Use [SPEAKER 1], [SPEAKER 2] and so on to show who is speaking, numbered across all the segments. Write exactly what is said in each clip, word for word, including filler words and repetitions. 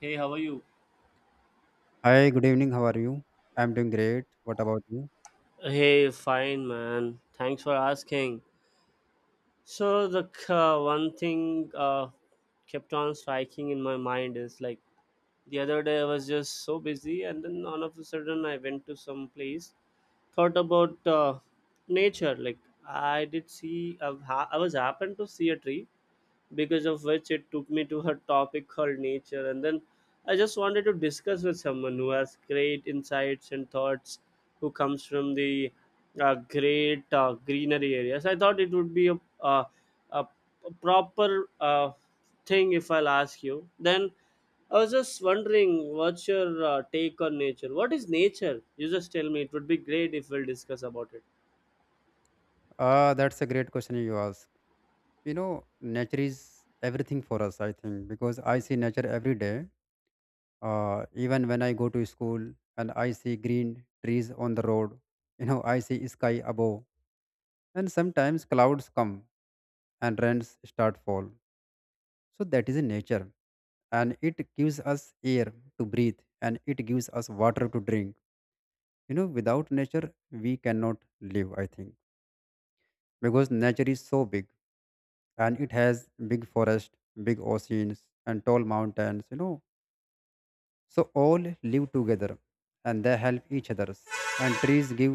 [SPEAKER 1] Hey, how are you?
[SPEAKER 2] Hi, good evening. How are you? I'm doing great. What about you?
[SPEAKER 1] Hey, fine, man. Thanks for asking. So the uh, one thing uh, kept on striking in my mind is like the other day I was just so busy, and then all of a sudden I went to some place, thought about uh, nature. Like I did see, I've ha- I was happened to see a tree, because of which it took me to her topic called nature. And then I just wanted to discuss with someone who has great insights and thoughts, who comes from the uh, great uh, greenery areas. I thought it would be a, uh, a, a proper uh, thing if I'll ask you. Then I was just wondering, what's your uh, take on nature? What is nature? You just tell me, it would be great if we'll discuss about it.
[SPEAKER 2] Ah, that's a great question you ask. You know, nature is everything for us, I think, because I see nature every day. Uh, even when I go to school and I see green trees on the road, you know, I see sky above, and sometimes clouds come and rains start fall. So that is in nature, and it gives us air to breathe, and it gives us water to drink. You know, without nature, we cannot live, I think, because nature is so big and it has big forest, big oceans, and tall mountains. You know so all live together and they help each other, and trees give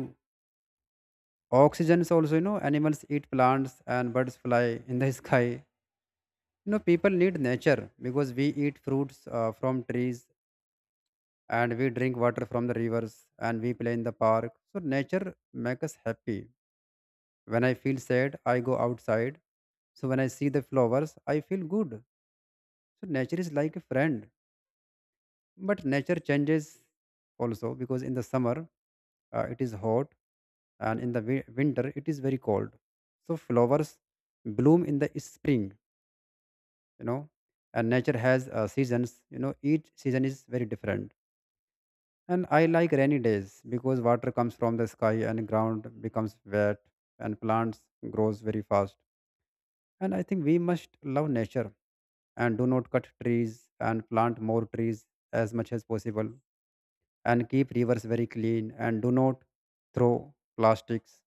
[SPEAKER 2] oxygen also. You know animals eat plants and birds fly in the sky. You know people need nature because we eat fruits uh, from trees, and we drink water from the rivers, and we play in the park, so nature makes us happy. When I feel sad, I go outside, so when I see the flowers, I feel good. So nature is like a friend, but nature changes also, because in the summer uh, it is hot, and in the wi- winter it is very cold. So flowers bloom in the spring, you know, and nature has uh, seasons. You know, each season is very different. And I like rainy days because water comes from the sky and ground becomes wet and plants grows very fast. And I think we must love nature and do not cut trees, and plant more trees as much as possible, and keep rivers very clean and do not throw plastics.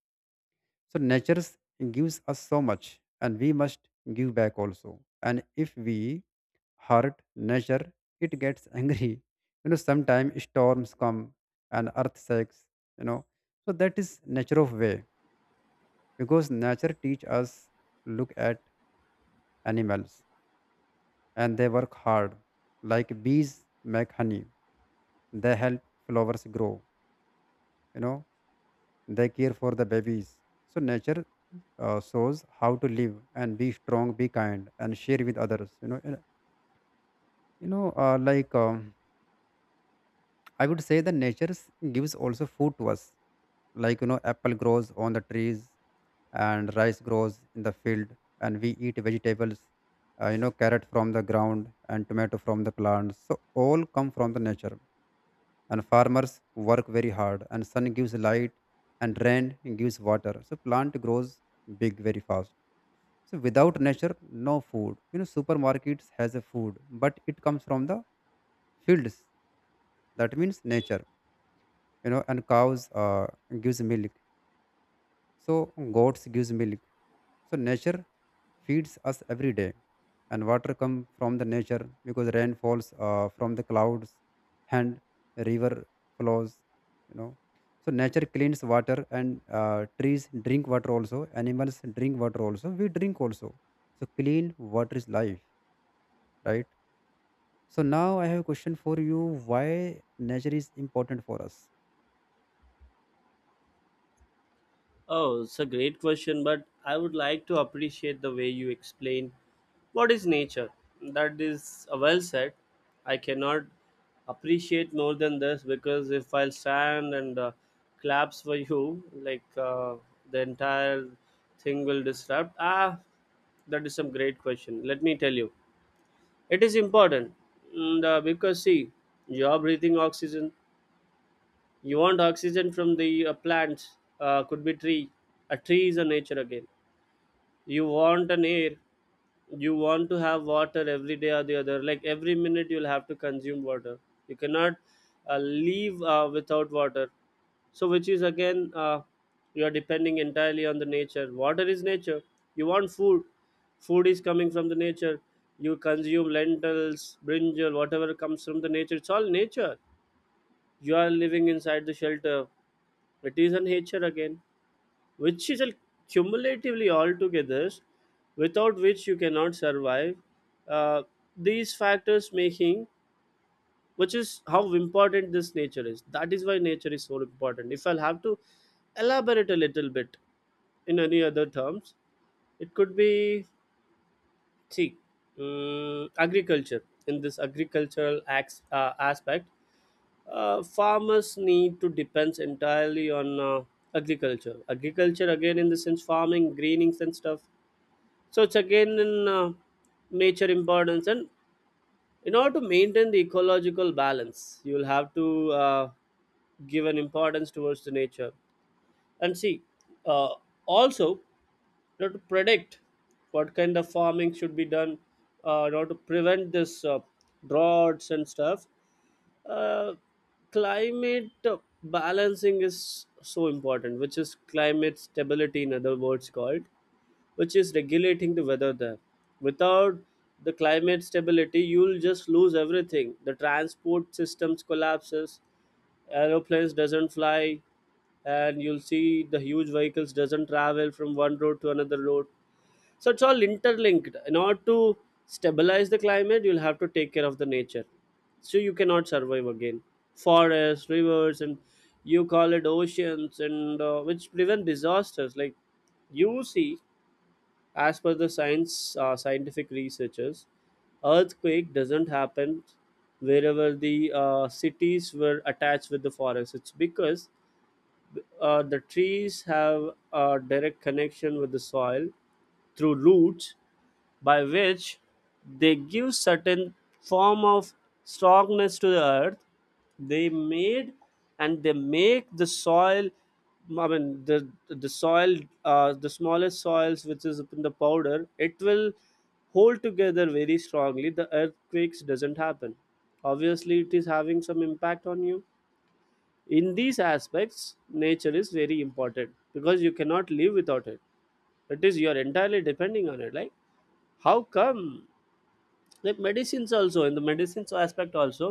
[SPEAKER 2] So nature gives us so much, and we must give back also. And if we hurt nature, it gets angry. You know, sometimes storms come and earth shakes, you know. So that is nature of way, because nature teach us look at animals and they work hard. Like bees make honey, they help flowers grow. you know they care for the babies. So nature uh, shows how to live and be strong, be kind and share with others. You know and, you know uh, like, um, I would say the nature s- gives also food to us. Like, you know apple grows on the trees and rice grows in the field, and we eat vegetables, uh, you know carrot from the ground and tomato from the plants, so all come from the nature. And farmers work very hard, and sun gives light and rain gives water, so plant grows big very fast. So without nature, no food. You know supermarkets has a food, but it comes from the fields, that means nature. You know and cows uh, gives milk, so goats gives milk. So nature feeds us every day, and water come from the nature because rain falls uh, from the clouds, and river flows. You know, so nature cleans water, and uh, trees drink water also. Animals drink water also. We drink also. So clean water is life, right? So now I have a question for you: why nature is important for us?
[SPEAKER 1] Oh, it's a great question, but I would like to appreciate the way you explain what is nature. That is uh, well said. I cannot appreciate more than this, because if I'll stand and uh, claps for you, like uh, the entire thing will disrupt. Ah, that is some great question. Let me tell you, it is important, and, uh, because see, you are breathing oxygen. You want oxygen from the uh, plants, uh, could be tree. A tree is a nature again. You want an air. You want to have water every day or the other, like every minute you'll have to consume water. You cannot uh, leave uh, without water, so which is again uh, you are depending entirely on the nature. Water is nature. You want food. Food is coming from the nature. You consume lentils, brinjal, whatever comes from the nature, it's all nature. You are living inside the shelter, it is a nature again, which is a cumulatively altogether, without which you cannot survive. uh, these factors making, which is how important this nature is. That is why nature is so important. If I'll have to elaborate a little bit in any other terms, it could be, see, um, agriculture. In this agricultural acts, uh, aspect, uh, farmers need to depends entirely on uh, agriculture agriculture again, in the sense farming, greenings and stuff. So it's again in uh, nature importance. And in order to maintain the ecological balance, you will have to uh, give an importance towards the nature. And see, uh, also, you know, to predict what kind of farming should be done uh, in order to prevent this uh, droughts and stuff. uh, Climate balancing is so important, which is climate stability, in other words, called, which is regulating the weather there. Without the climate stability, you'll just lose everything. The transport systems collapses, aeroplanes doesn't fly, and you'll see the huge vehicles doesn't travel from one road to another road. So it's all interlinked. In order to stabilize the climate, you'll have to take care of the nature. So you cannot survive again. Forests, rivers, and you call it oceans, and uh, which prevent disasters. Like you see, as per the science, uh, scientific researchers, earthquake doesn't happen wherever the uh, cities were attached with the forest. It's because uh, the trees have a direct connection with the soil through roots, by which they give certain form of strongness to the earth they made. And they make the soil, i mean the the soil uh, the smallest soils which is in the powder, it will hold together very strongly. The earthquakes doesn't happen. Obviously it is having some impact on you. In these aspects, nature is very important because you cannot live without it. It is you're entirely depending on it. Like how come, like medicines also, in the medicines aspect also,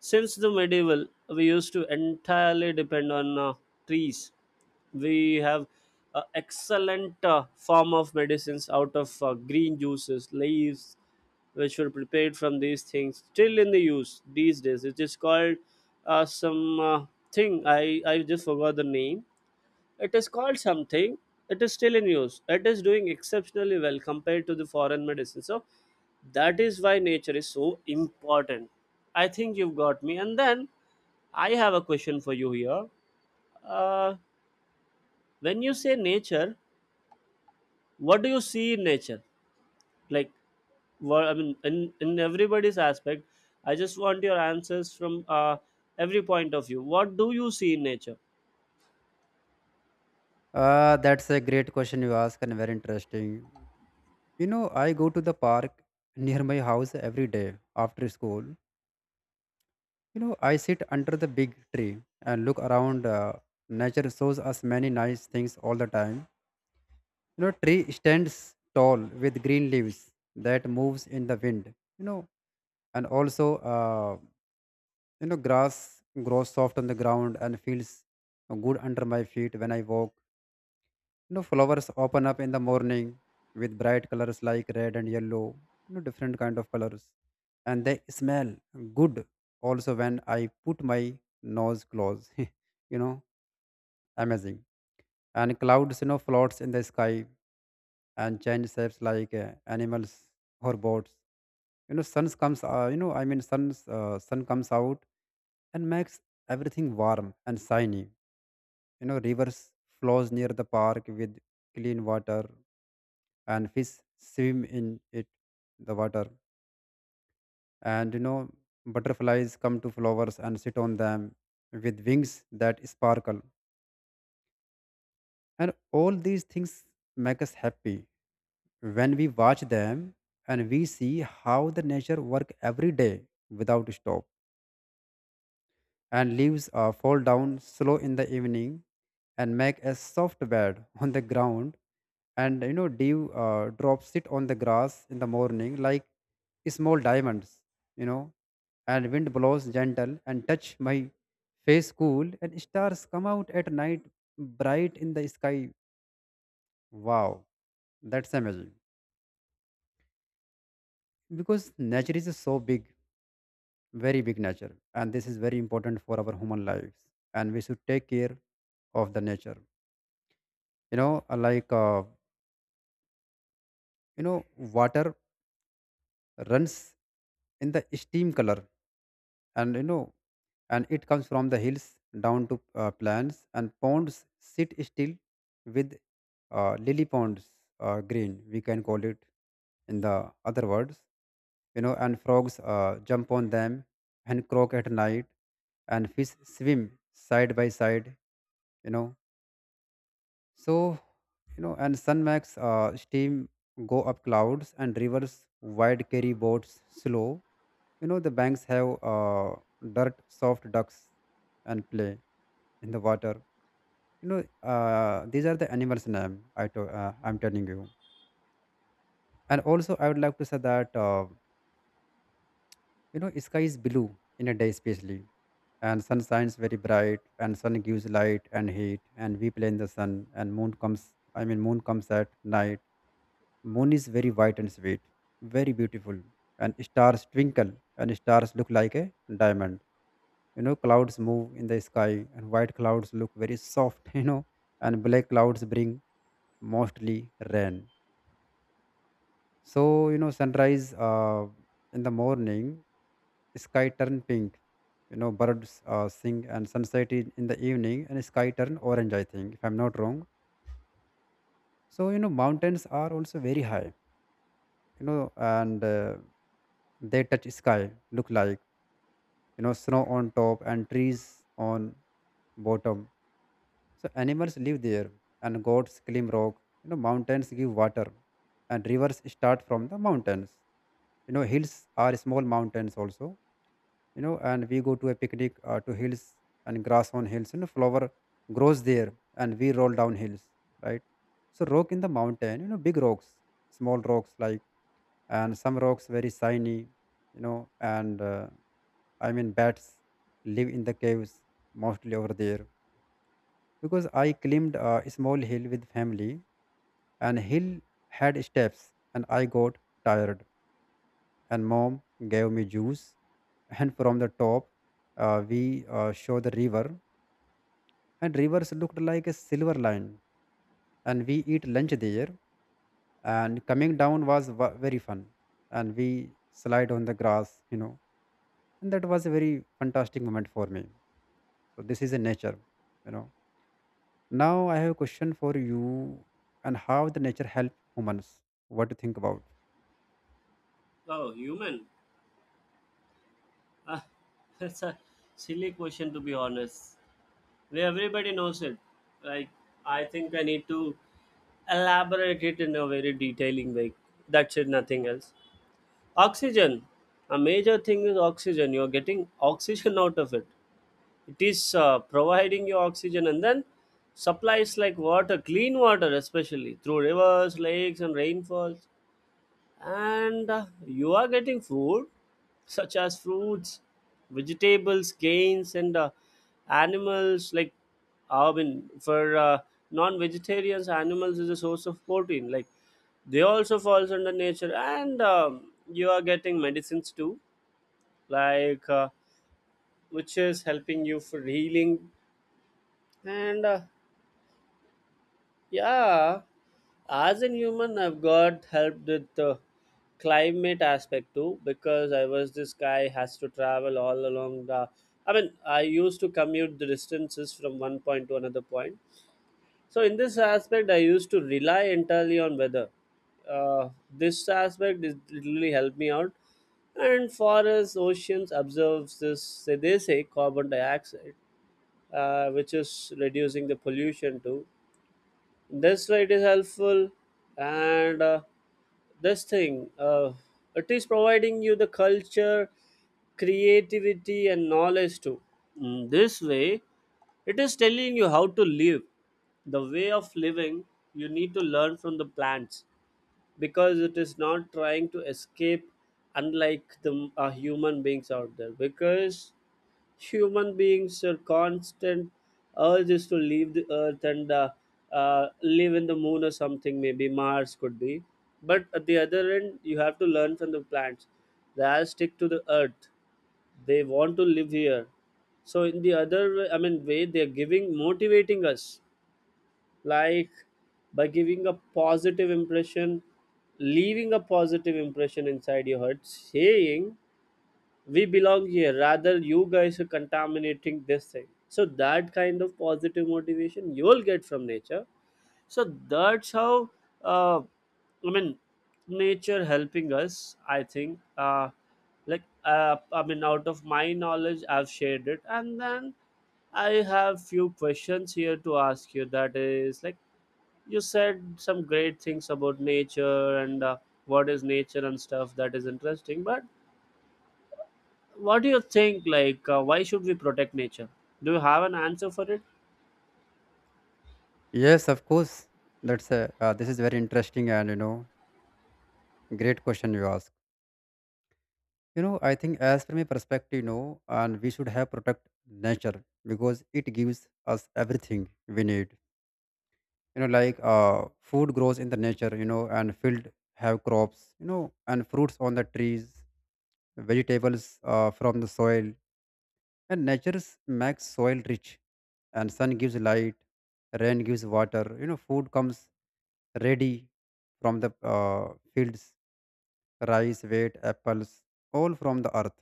[SPEAKER 1] since the medieval, we used to entirely depend on uh, trees. We have uh, excellent uh, form of medicines out of uh, green juices, leaves, which were prepared from these things. Still in the use these days, it is called uh, some uh, thing. I i just forgot the name. It is called something. It is still in use. It is doing exceptionally well compared to the foreign medicine. So that is why nature is so important. I think you've got me. And then I have a question for you here. Uh, when you say nature, what do you see in nature? Like, what, I mean, in, in everybody's aspect, I just want your answers from uh, every point of view. What do you see in nature?
[SPEAKER 2] Uh, that's a great question you ask, and very interesting. You know, I go to the park near my house every day after school. You know, I sit under the big tree and look around. Uh, nature shows us many nice things all the time. You know, tree stands tall with green leaves that moves in the wind. You know, and also, uh, you know, grass grows soft on the ground and feels good under my feet when I walk. You know, flowers open up in the morning with bright colors like red and yellow, you know, different kind of colors. And they smell good also when I put my nose close. you know, amazing. And clouds, you know, floats in the sky and change shapes like uh, animals or boats. You know, suns comes, uh, you know, I mean, suns, uh, sun comes out and makes everything warm and shiny. You know, rivers flows near the park with clean water, and fish swim in it the water. And you know butterflies come to flowers and sit on them with wings that sparkle, and all these things make us happy when we watch them, and we see how the nature work every day without stop. And leaves uh, fall down slow in the evening and make a soft bed on the ground. And you know dew uh, drops it on the grass in the morning like small diamonds. you know and wind blows gentle and touch my face cool, and stars come out at night, bright in the sky. Wow, that's amazing, because nature is so big, very big nature, and this is very important for our human lives, and we should take care of the nature. You know uh, like, uh, you know water runs in the steam color. And you know and it comes from the hills down to uh, plants, and ponds sit still with uh, lily ponds, uh, green we can call it, in the other words. You know and frogs uh, jump on them and croak at night, and fish swim side by side. you know So, you know, and sun makes uh, steam go up clouds, and rivers wide carry boats slow. You know, the banks have uh, dirt soft ducks and play in the water. You know, uh, these are the animals' name I to, uh, I'm telling you. And also, I would like to say that, uh, you know, sky is blue in a day especially. And sun shines very bright, and sun gives light and heat, and we play in the sun, and moon comes, I mean, moon comes at night. Moon is very white and sweet, very beautiful, and stars twinkle, and stars look like a diamond. You know, clouds move in the sky, and white clouds look very soft. you know, and black clouds bring mostly rain. So, you know, sunrise uh, in the morning, sky turn pink. You know, birds uh, sing, and sunset in in the evening, and sky turn orange, I think, if I'm not wrong. So, you know, mountains are also very high. You know and uh, They touch sky, look like, you know snow on top and trees on bottom. So animals live there, and gods claim rock. You know mountains give water, and rivers start from the mountains. You know hills are small mountains also. You know and we go to a picnic uh, to hills, and grass on hills. You know flower grows there and we roll down hills, right? So rock in the mountain, you know big rocks, small rocks like, and some rocks very shiny. You know and uh, I mean, bats live in the caves mostly over there, because I climbed a small hill with family, and hill had steps, and I got tired, and mom gave me juice. And from the top, uh, we uh, show the river, and rivers looked like a silver line, and we eat lunch there, and coming down was wa- very fun, and we slide on the grass. You know and that was a very fantastic moment for me. So this is a nature. you know Now I have a question for you: and how the nature help humans? What do you think about?
[SPEAKER 1] Oh, human. Ah, that's a silly question, to be honest. Everybody knows it. Like, I think I need to elaborate it in a very detailing way. That's it, nothing else. Oxygen. A major thing is oxygen. You're getting oxygen out of it. It is uh, providing you oxygen, and then supplies like water, clean water, especially through rivers, lakes, and rainfalls. And uh, you are getting food such as fruits, vegetables, grains, and uh, animals. Like I mean, for uh, non-vegetarians, animals is a source of protein. Like they also falls under nature. And um, you are getting medicines too, like uh, which is helping you for healing. And uh, Yeah, as a human, I've got helped with the climate aspect too, because I was, this guy has to travel all along the. I mean, I used to commute the distances from one point to another point. So in this aspect, I used to rely entirely on weather. Uh, this aspect is literally helped me out. And forests, oceans observes this. Say they say carbon dioxide, uh, which is reducing the pollution too. This way it is helpful. And uh, This thing uh, it is providing you the culture, creativity, and knowledge too. Mm, this way, it is telling you how to live. The way of living, you need to learn from the plants, because it is not trying to escape, unlike the uh, human beings out there. Because human beings are, constant urge is to leave the earth and uh, uh, live in the moon, or something, maybe mars could be. But at the other end, you have to learn from the plants. They all stick to the earth. They want to live here. So in the other way- I mean way, they are giving, motivating us, like by giving a positive impression, leaving a positive impression inside your heart, saying we belong here, rather you guys are contaminating this thing. So that kind of positive motivation you will get from nature. So that's how uh, i mean nature helping us, I think. Uh, like uh, i mean out of my knowledge, I've shared it. And then I have few questions here to ask you, that is like, you said some great things about nature, and uh, what is nature and stuff, that is interesting. But what do you think, like uh, why should we protect nature? Do you have an answer for it?
[SPEAKER 2] Yes, of course. That's a uh, This is very interesting, and, you know great question you ask. you know I think, as from a perspective, you know and we should have protect nature, because it gives us everything we need. You know like, uh, food grows in the nature. You know and field have crops. You know and fruits on the trees, vegetables uh, from the soil, and nature makes soil rich. And sun gives light, rain gives water. You know, food comes ready from the uh, fields, rice, wheat, apples, all from the earth.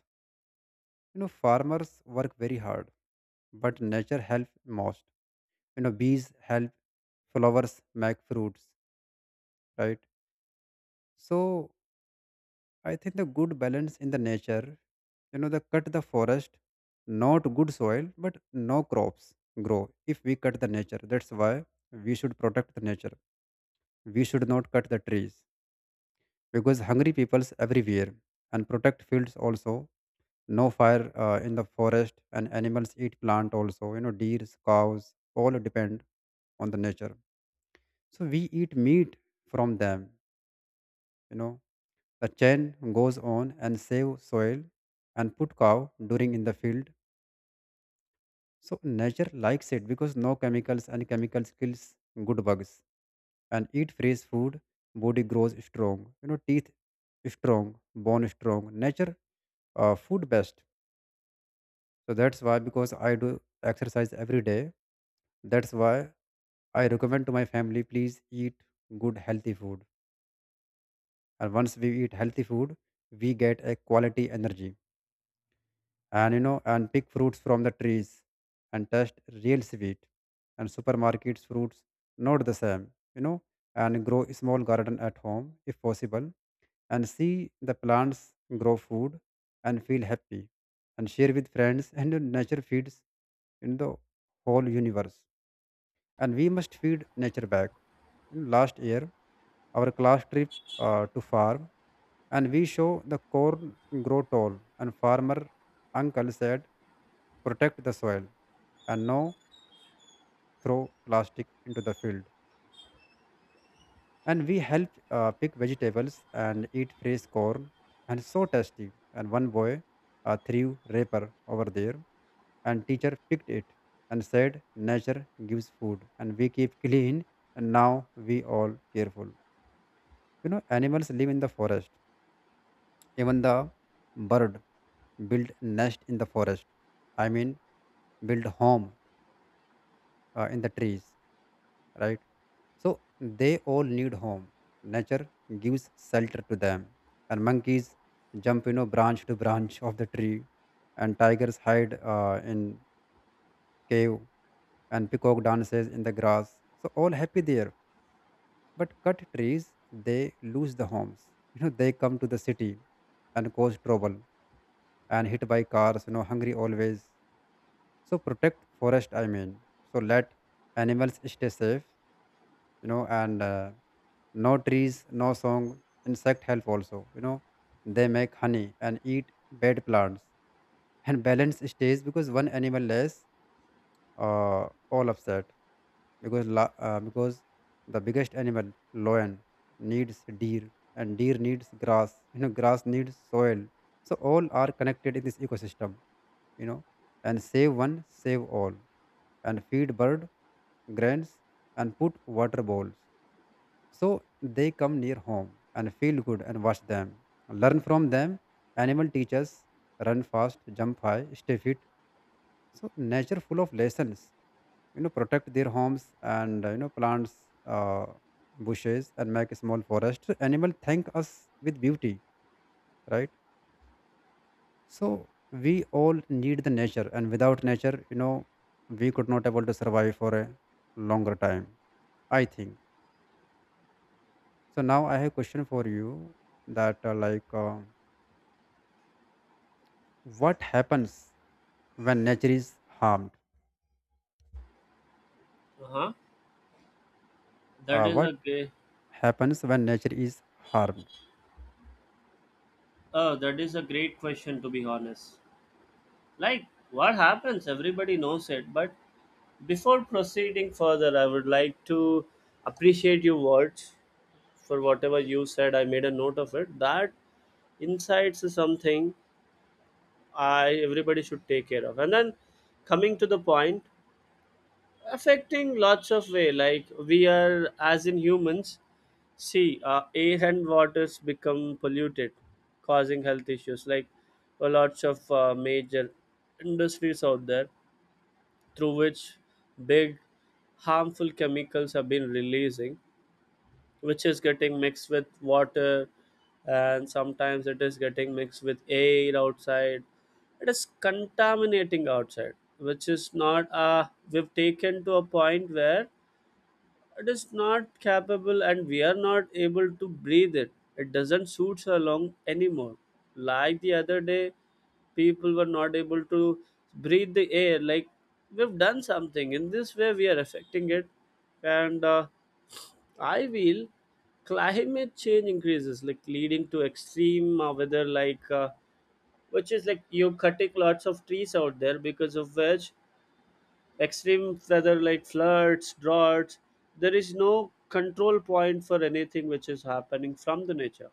[SPEAKER 2] You know, farmers work very hard, but nature helps most. You know, bees help flowers make fruits, right? So I think the good balance in the nature, you know, the cut the forest, not good soil, but no crops grow if we cut the nature. That's why we should protect the nature. We should not cut the trees, because hungry peoples everywhere, and protect fields also. No fire uh, in the forest, and animals eat plant also. You know, deers, cows, all depend on the nature. So we eat meat from them. You know, The chain goes on, and save soil and put cow during in the field. So nature likes it, because no chemicals, and chemicals kills good bugs. And eat fresh food, body grows strong. You know, teeth strong, bone strong. Nature uh, food best. So that's why, because I do exercise every day. That's why I recommend to my family, please eat good healthy food. And once we eat healthy food, we get a quality energy and you know and pick fruits from the trees and taste real sweet and supermarkets fruits not the same, you know and grow a small garden at home if possible and see the plants grow food and feel happy and share with friends and you nature feeds in the whole universe, and we must feed nature back. In last year our class trip uh, to farm, and we show the corn grow tall, and farmer uncle said protect the soil and no throw plastic into the field. And we help uh, pick vegetables and eat fresh corn and so tasty. And one boy uh, threw wrapper over there, and teacher picked it and said nature gives food and we keep clean, and now we all careful. You know animals live in the forest. Even the bird build nest in the forest. I mean Build home uh, in the trees, right? So they all need home. Nature gives shelter to them, and monkeys jump, you know, branch to branch of the tree, and tigers hide uh, in cave, and peacock dances in the grass. So all happy there. But cut trees, they lose the homes. You know, they come to the city and cause trouble and hit by cars. You know, hungry always. So protect forest. I mean, so let animals stay safe, you know, and uh, no trees no song. Insect help also, you know, they make honey and eat bed plants and balance stays because one animal less, uh, all upset because la- uh, because the biggest animal lion needs deer, and deer needs grass, you know, grass needs soil, so all are connected in this ecosystem, you know and save one save all. And feed bird grains and put water bowls so they come near home and feel good and watch them. Learn from them. Animal teachers run fast, jump high, stay fit. So nature full of lessons. You know, protect their homes and uh, you know plants, uh, bushes, and make a small forest. Animal thank us with beauty, right? So we all need the nature, and without nature, you know, we could not able to survive for a longer time, I think. So now I have a question for you, that uh, like. Uh, what happens when nature is harmed?
[SPEAKER 1] Uh-huh, that
[SPEAKER 2] Uh,
[SPEAKER 1] is
[SPEAKER 2] what
[SPEAKER 1] a great.
[SPEAKER 2] happens when nature is harmed?
[SPEAKER 1] Oh, that is a great question, to be honest. Like, what happens, everybody knows it. But before proceeding further, I would like to appreciate your words. For whatever you said, I made a note of it, that insights is something I everybody should take care of. And then coming to the point, affecting lots of way. Like we are, as in humans, see, uh, air and waters become polluted, causing health issues. Like uh, lots of uh, major industries out there, through which big harmful chemicals have been releasing, which is getting mixed with water, and sometimes it is getting mixed with air outside. It is contaminating outside, which is not, uh, we've taken to a point where it is not capable and we are not able to breathe it. It doesn't suit our lung anymore. Like the other day, people were not able to breathe the air. Like we've done something in this way, we are affecting it. And uh, I will. Climate change increases, like leading to extreme uh, weather, like uh, which is like you're cutting lots of trees out there, because of which extreme weather, like floods, droughts, there is no control point for anything which is happening from the nature.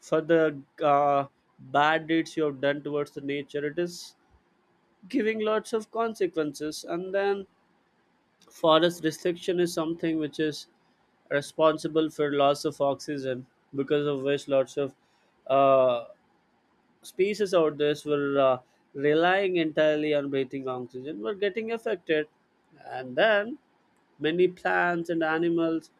[SPEAKER 1] For the uh, bad deeds you have done towards the nature, it is giving lots of consequences. And then forest restriction is something which is responsible for loss of oxygen, because of which lots of uh, species out there were uh, relying entirely on breathing oxygen were getting affected. And then many plants and animals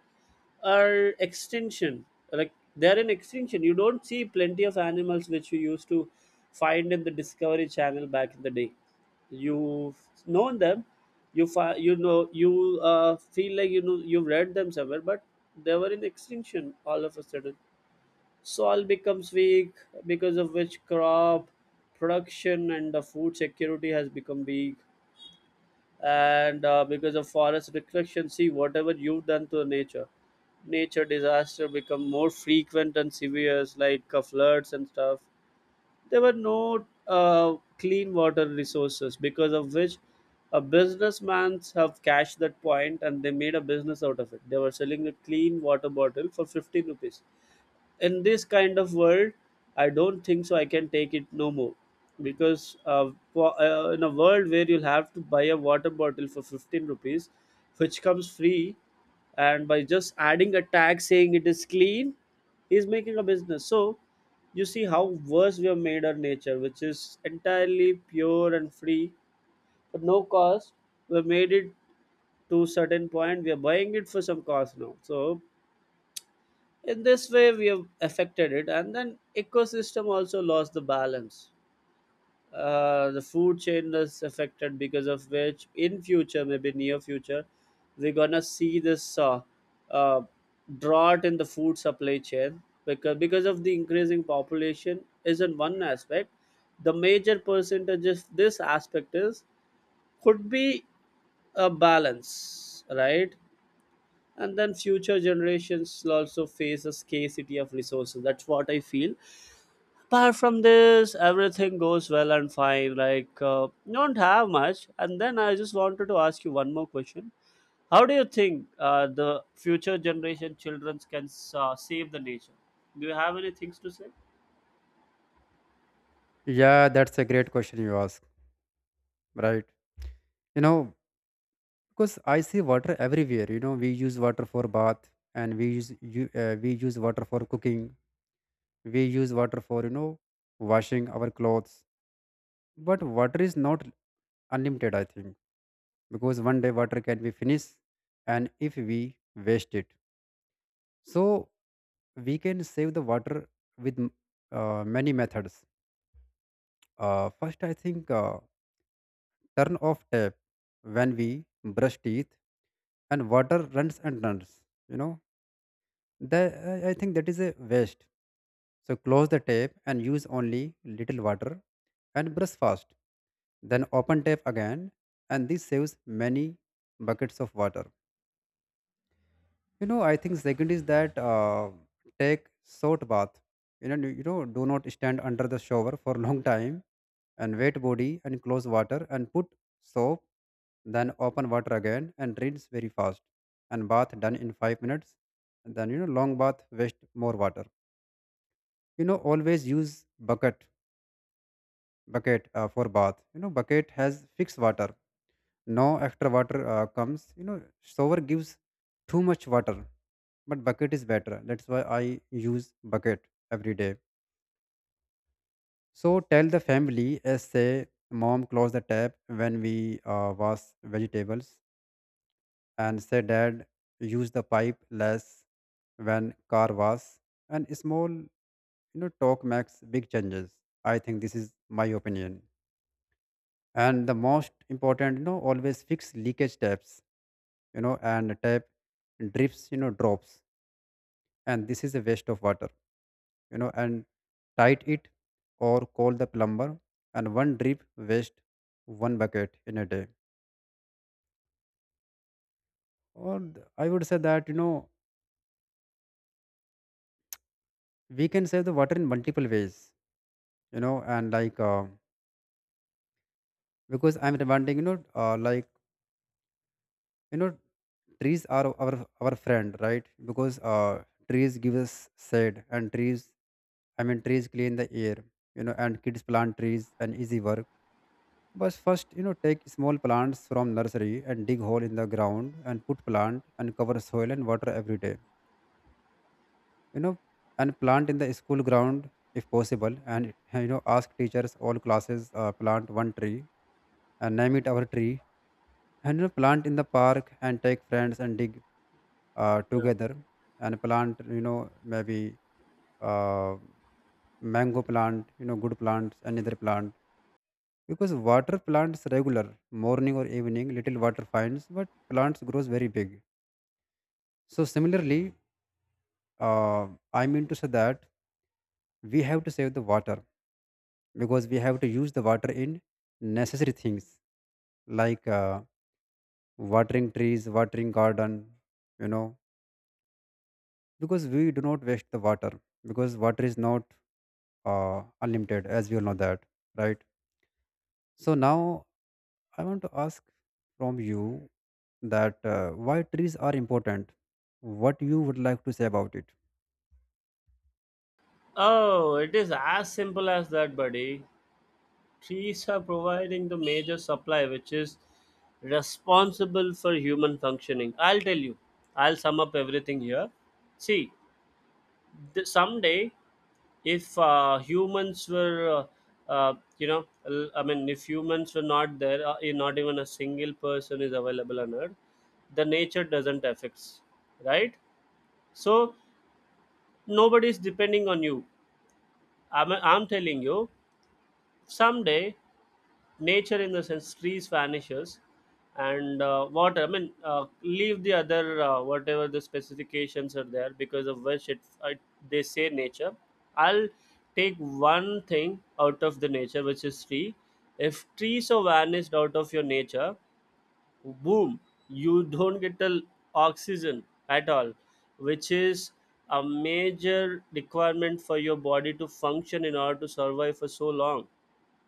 [SPEAKER 1] are extinction, like they're in extinction. You don't see plenty of animals which you used to find in the Discovery Channel back in the day. You've known them, you fi- you know you uh, feel like, you know, you've read them somewhere, but they were in extinction all of a sudden. Soil becomes weak, because of which crop production and the food security has become weak. And uh, because of forest destruction, see, whatever you've done to the nature, nature disaster become more frequent and severe, like uh, floods and stuff. There were no uh, clean water resources, because of which a businessman have cashed that point and they made a business out of it. They were selling a clean water bottle for fifteen rupees. In this kind of world, I don't think so I can take it no more, because uh, for, uh, in a world where you'll have to buy a water bottle for fifteen rupees which comes free, and by just adding a tag saying it is clean, he's making a business. So you see how worse we have made our nature, which is entirely pure and free but no cost. We have made it to a certain point we are buying it for some cost now. So in this way we have affected it, and then ecosystem also lost the balance. Uh, the food chain is affected, because of which in future, maybe near future, we're gonna see this uh, uh, drought in the food supply chain, because because of the increasing population is in one aspect. The major percentage of this aspect is, could be, a balance, right? And then future generations will also face a scarcity of resources. That's what I feel. Apart from this, everything goes well and fine, like uh, don't have much. And then I just wanted to ask you one more question. How do you think uh, the future generation children can uh, save the nature? Do you have any things to say?
[SPEAKER 2] Yeah, that's a great question you ask, right? you know because I see water everywhere. You know, we use water for bath, and we use you, uh, we use water for cooking, we use water for, you know, washing our clothes. But water is not unlimited, I think, because one day water can be finished, and if we waste it. So we can save the water with m- uh, many methods. Uh, first, I think, uh, turn off tap when we brush teeth and water runs and runs. You know, that, I I think that is a waste. So close the tap and use only little water, and brush fast. Then open tap again, and this saves many buckets of water. You know, I think second is that, uh, take short bath. You know, you know, do not stand under the shower for long time, and wet body and close water and put soap, then open water again and rinse very fast. And bath done in five minutes. And then, you know, long bath waste more water. You know, always use bucket. Bucket uh, for bath. You know, bucket has fixed water. Now, after water uh, comes, you know, shower gives too much water, but bucket is better. That's why I use bucket every day. So tell the family, as say, mom close the tap when we uh, wash vegetables, and say dad use the pipe less when car wash, and small, you know, talk makes big changes. I think this is my opinion. And the most important, you know, always fix leakage taps. you know and tap drips, you know, drops, and this is a waste of water. You know and tight it or call the plumber. And one drip waste one bucket in a day. Or th- i would say that, you know we can save the water in multiple ways. You know and like uh, because i'm reminding, you know uh, like you know trees are our our friend, right? Because uh, trees give us shade, and trees I mean trees clean the air. You know, and kids plant trees and easy work. But first, you know, take small plants from nursery and dig hole in the ground and put plant and cover soil and water every day. You know, and plant in the school ground if possible. And you know, ask teachers all classes uh, plant one tree and name it our tree. And you know, plant in the park and take friends and dig uh,
[SPEAKER 1] Yeah.
[SPEAKER 2] together and plant. You know, maybe uh, mango plant. You know, good plants and other plant because water plants regular, morning or evening little water finds, but plants grows very big. So similarly, uh, I mean to say that we have to save the water because we have to use the water in necessary things, like uh, watering trees, watering garden, you know, because we do not waste the water, because water is not uh, unlimited, as we all know that, right? So now I want to ask from you that, uh, why trees are important. What you would like to say about it?
[SPEAKER 1] Oh, it is as simple as that, buddy. Trees are providing the major supply which is responsible for human functioning. I'll tell you, I'll sum up everything here. See, th- someday, if uh, humans were uh, uh, you know, l- I mean, if humans were not there, uh, eh, not even a single person is available on earth, the nature doesn't affects, right? So nobody's depending on you. i'm, I'm telling you, someday nature, in the sense trees vanishes, and uh, water, I mean, uh, leave the other uh, whatever the specifications are there, because of which it, it, they say nature. I'll take one thing out of the nature, which is tree. If trees are vanished out of your nature, boom, you don't get the oxygen at all, which is a major requirement for your body to function in order to survive for so long.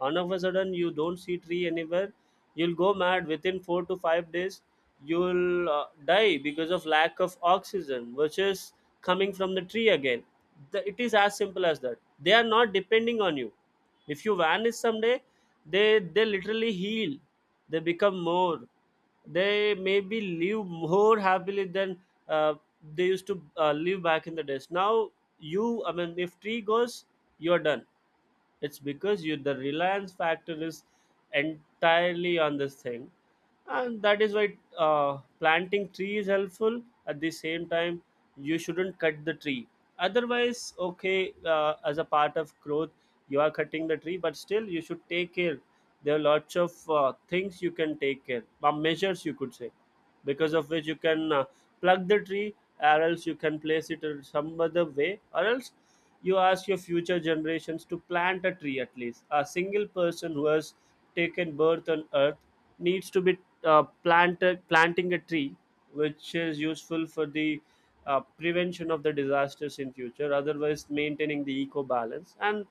[SPEAKER 1] All of a sudden, you don't see tree anywhere. You'll go mad within four to five days. You'll uh, die because of lack of oxygen, which is coming from the tree again. The, it is as simple as that. They are not depending on you. If you vanish someday, they they literally heal, they become more, they maybe live more happily than uh, they used to uh, live back in the days. Now, you, I mean, if tree goes, you're done. It's because you, the reliance factor is entirely on this thing. And that is why uh, planting tree is helpful. At the same time, you shouldn't cut the tree. Otherwise, okay, uh, as a part of growth you are cutting the tree, but still you should take care. There are lots of uh, things you can take care, uh, measures you could say, because of which you can uh, plug the tree, or else you can place it in some other way, or else you ask your future generations to plant a tree. At least a single person who has taken birth on earth needs to be uh, plant uh, planting a tree, which is useful for the uh, prevention of the disasters in future, otherwise maintaining the eco balance. And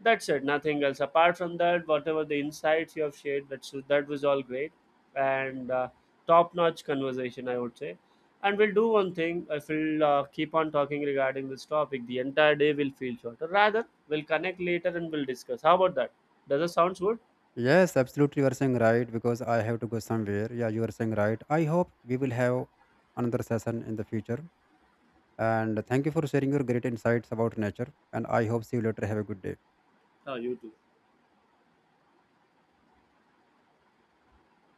[SPEAKER 1] that's it, nothing else. Apart from that, whatever the insights you have shared, that's that was all great. And uh, top notch conversation, I would say. And we'll do one thing. If we will uh, keep on talking regarding this topic, the entire day will feel shorter. Rather, we'll connect later and we'll discuss, how about that? Does that sounds good?
[SPEAKER 2] Yes, absolutely. You are saying right because I have to go somewhere. Yeah, you are saying right. I hope we will have another session in the future. And thank you for sharing your great insights about nature. And I hope see you later. Have a good day.
[SPEAKER 1] Oh, you too.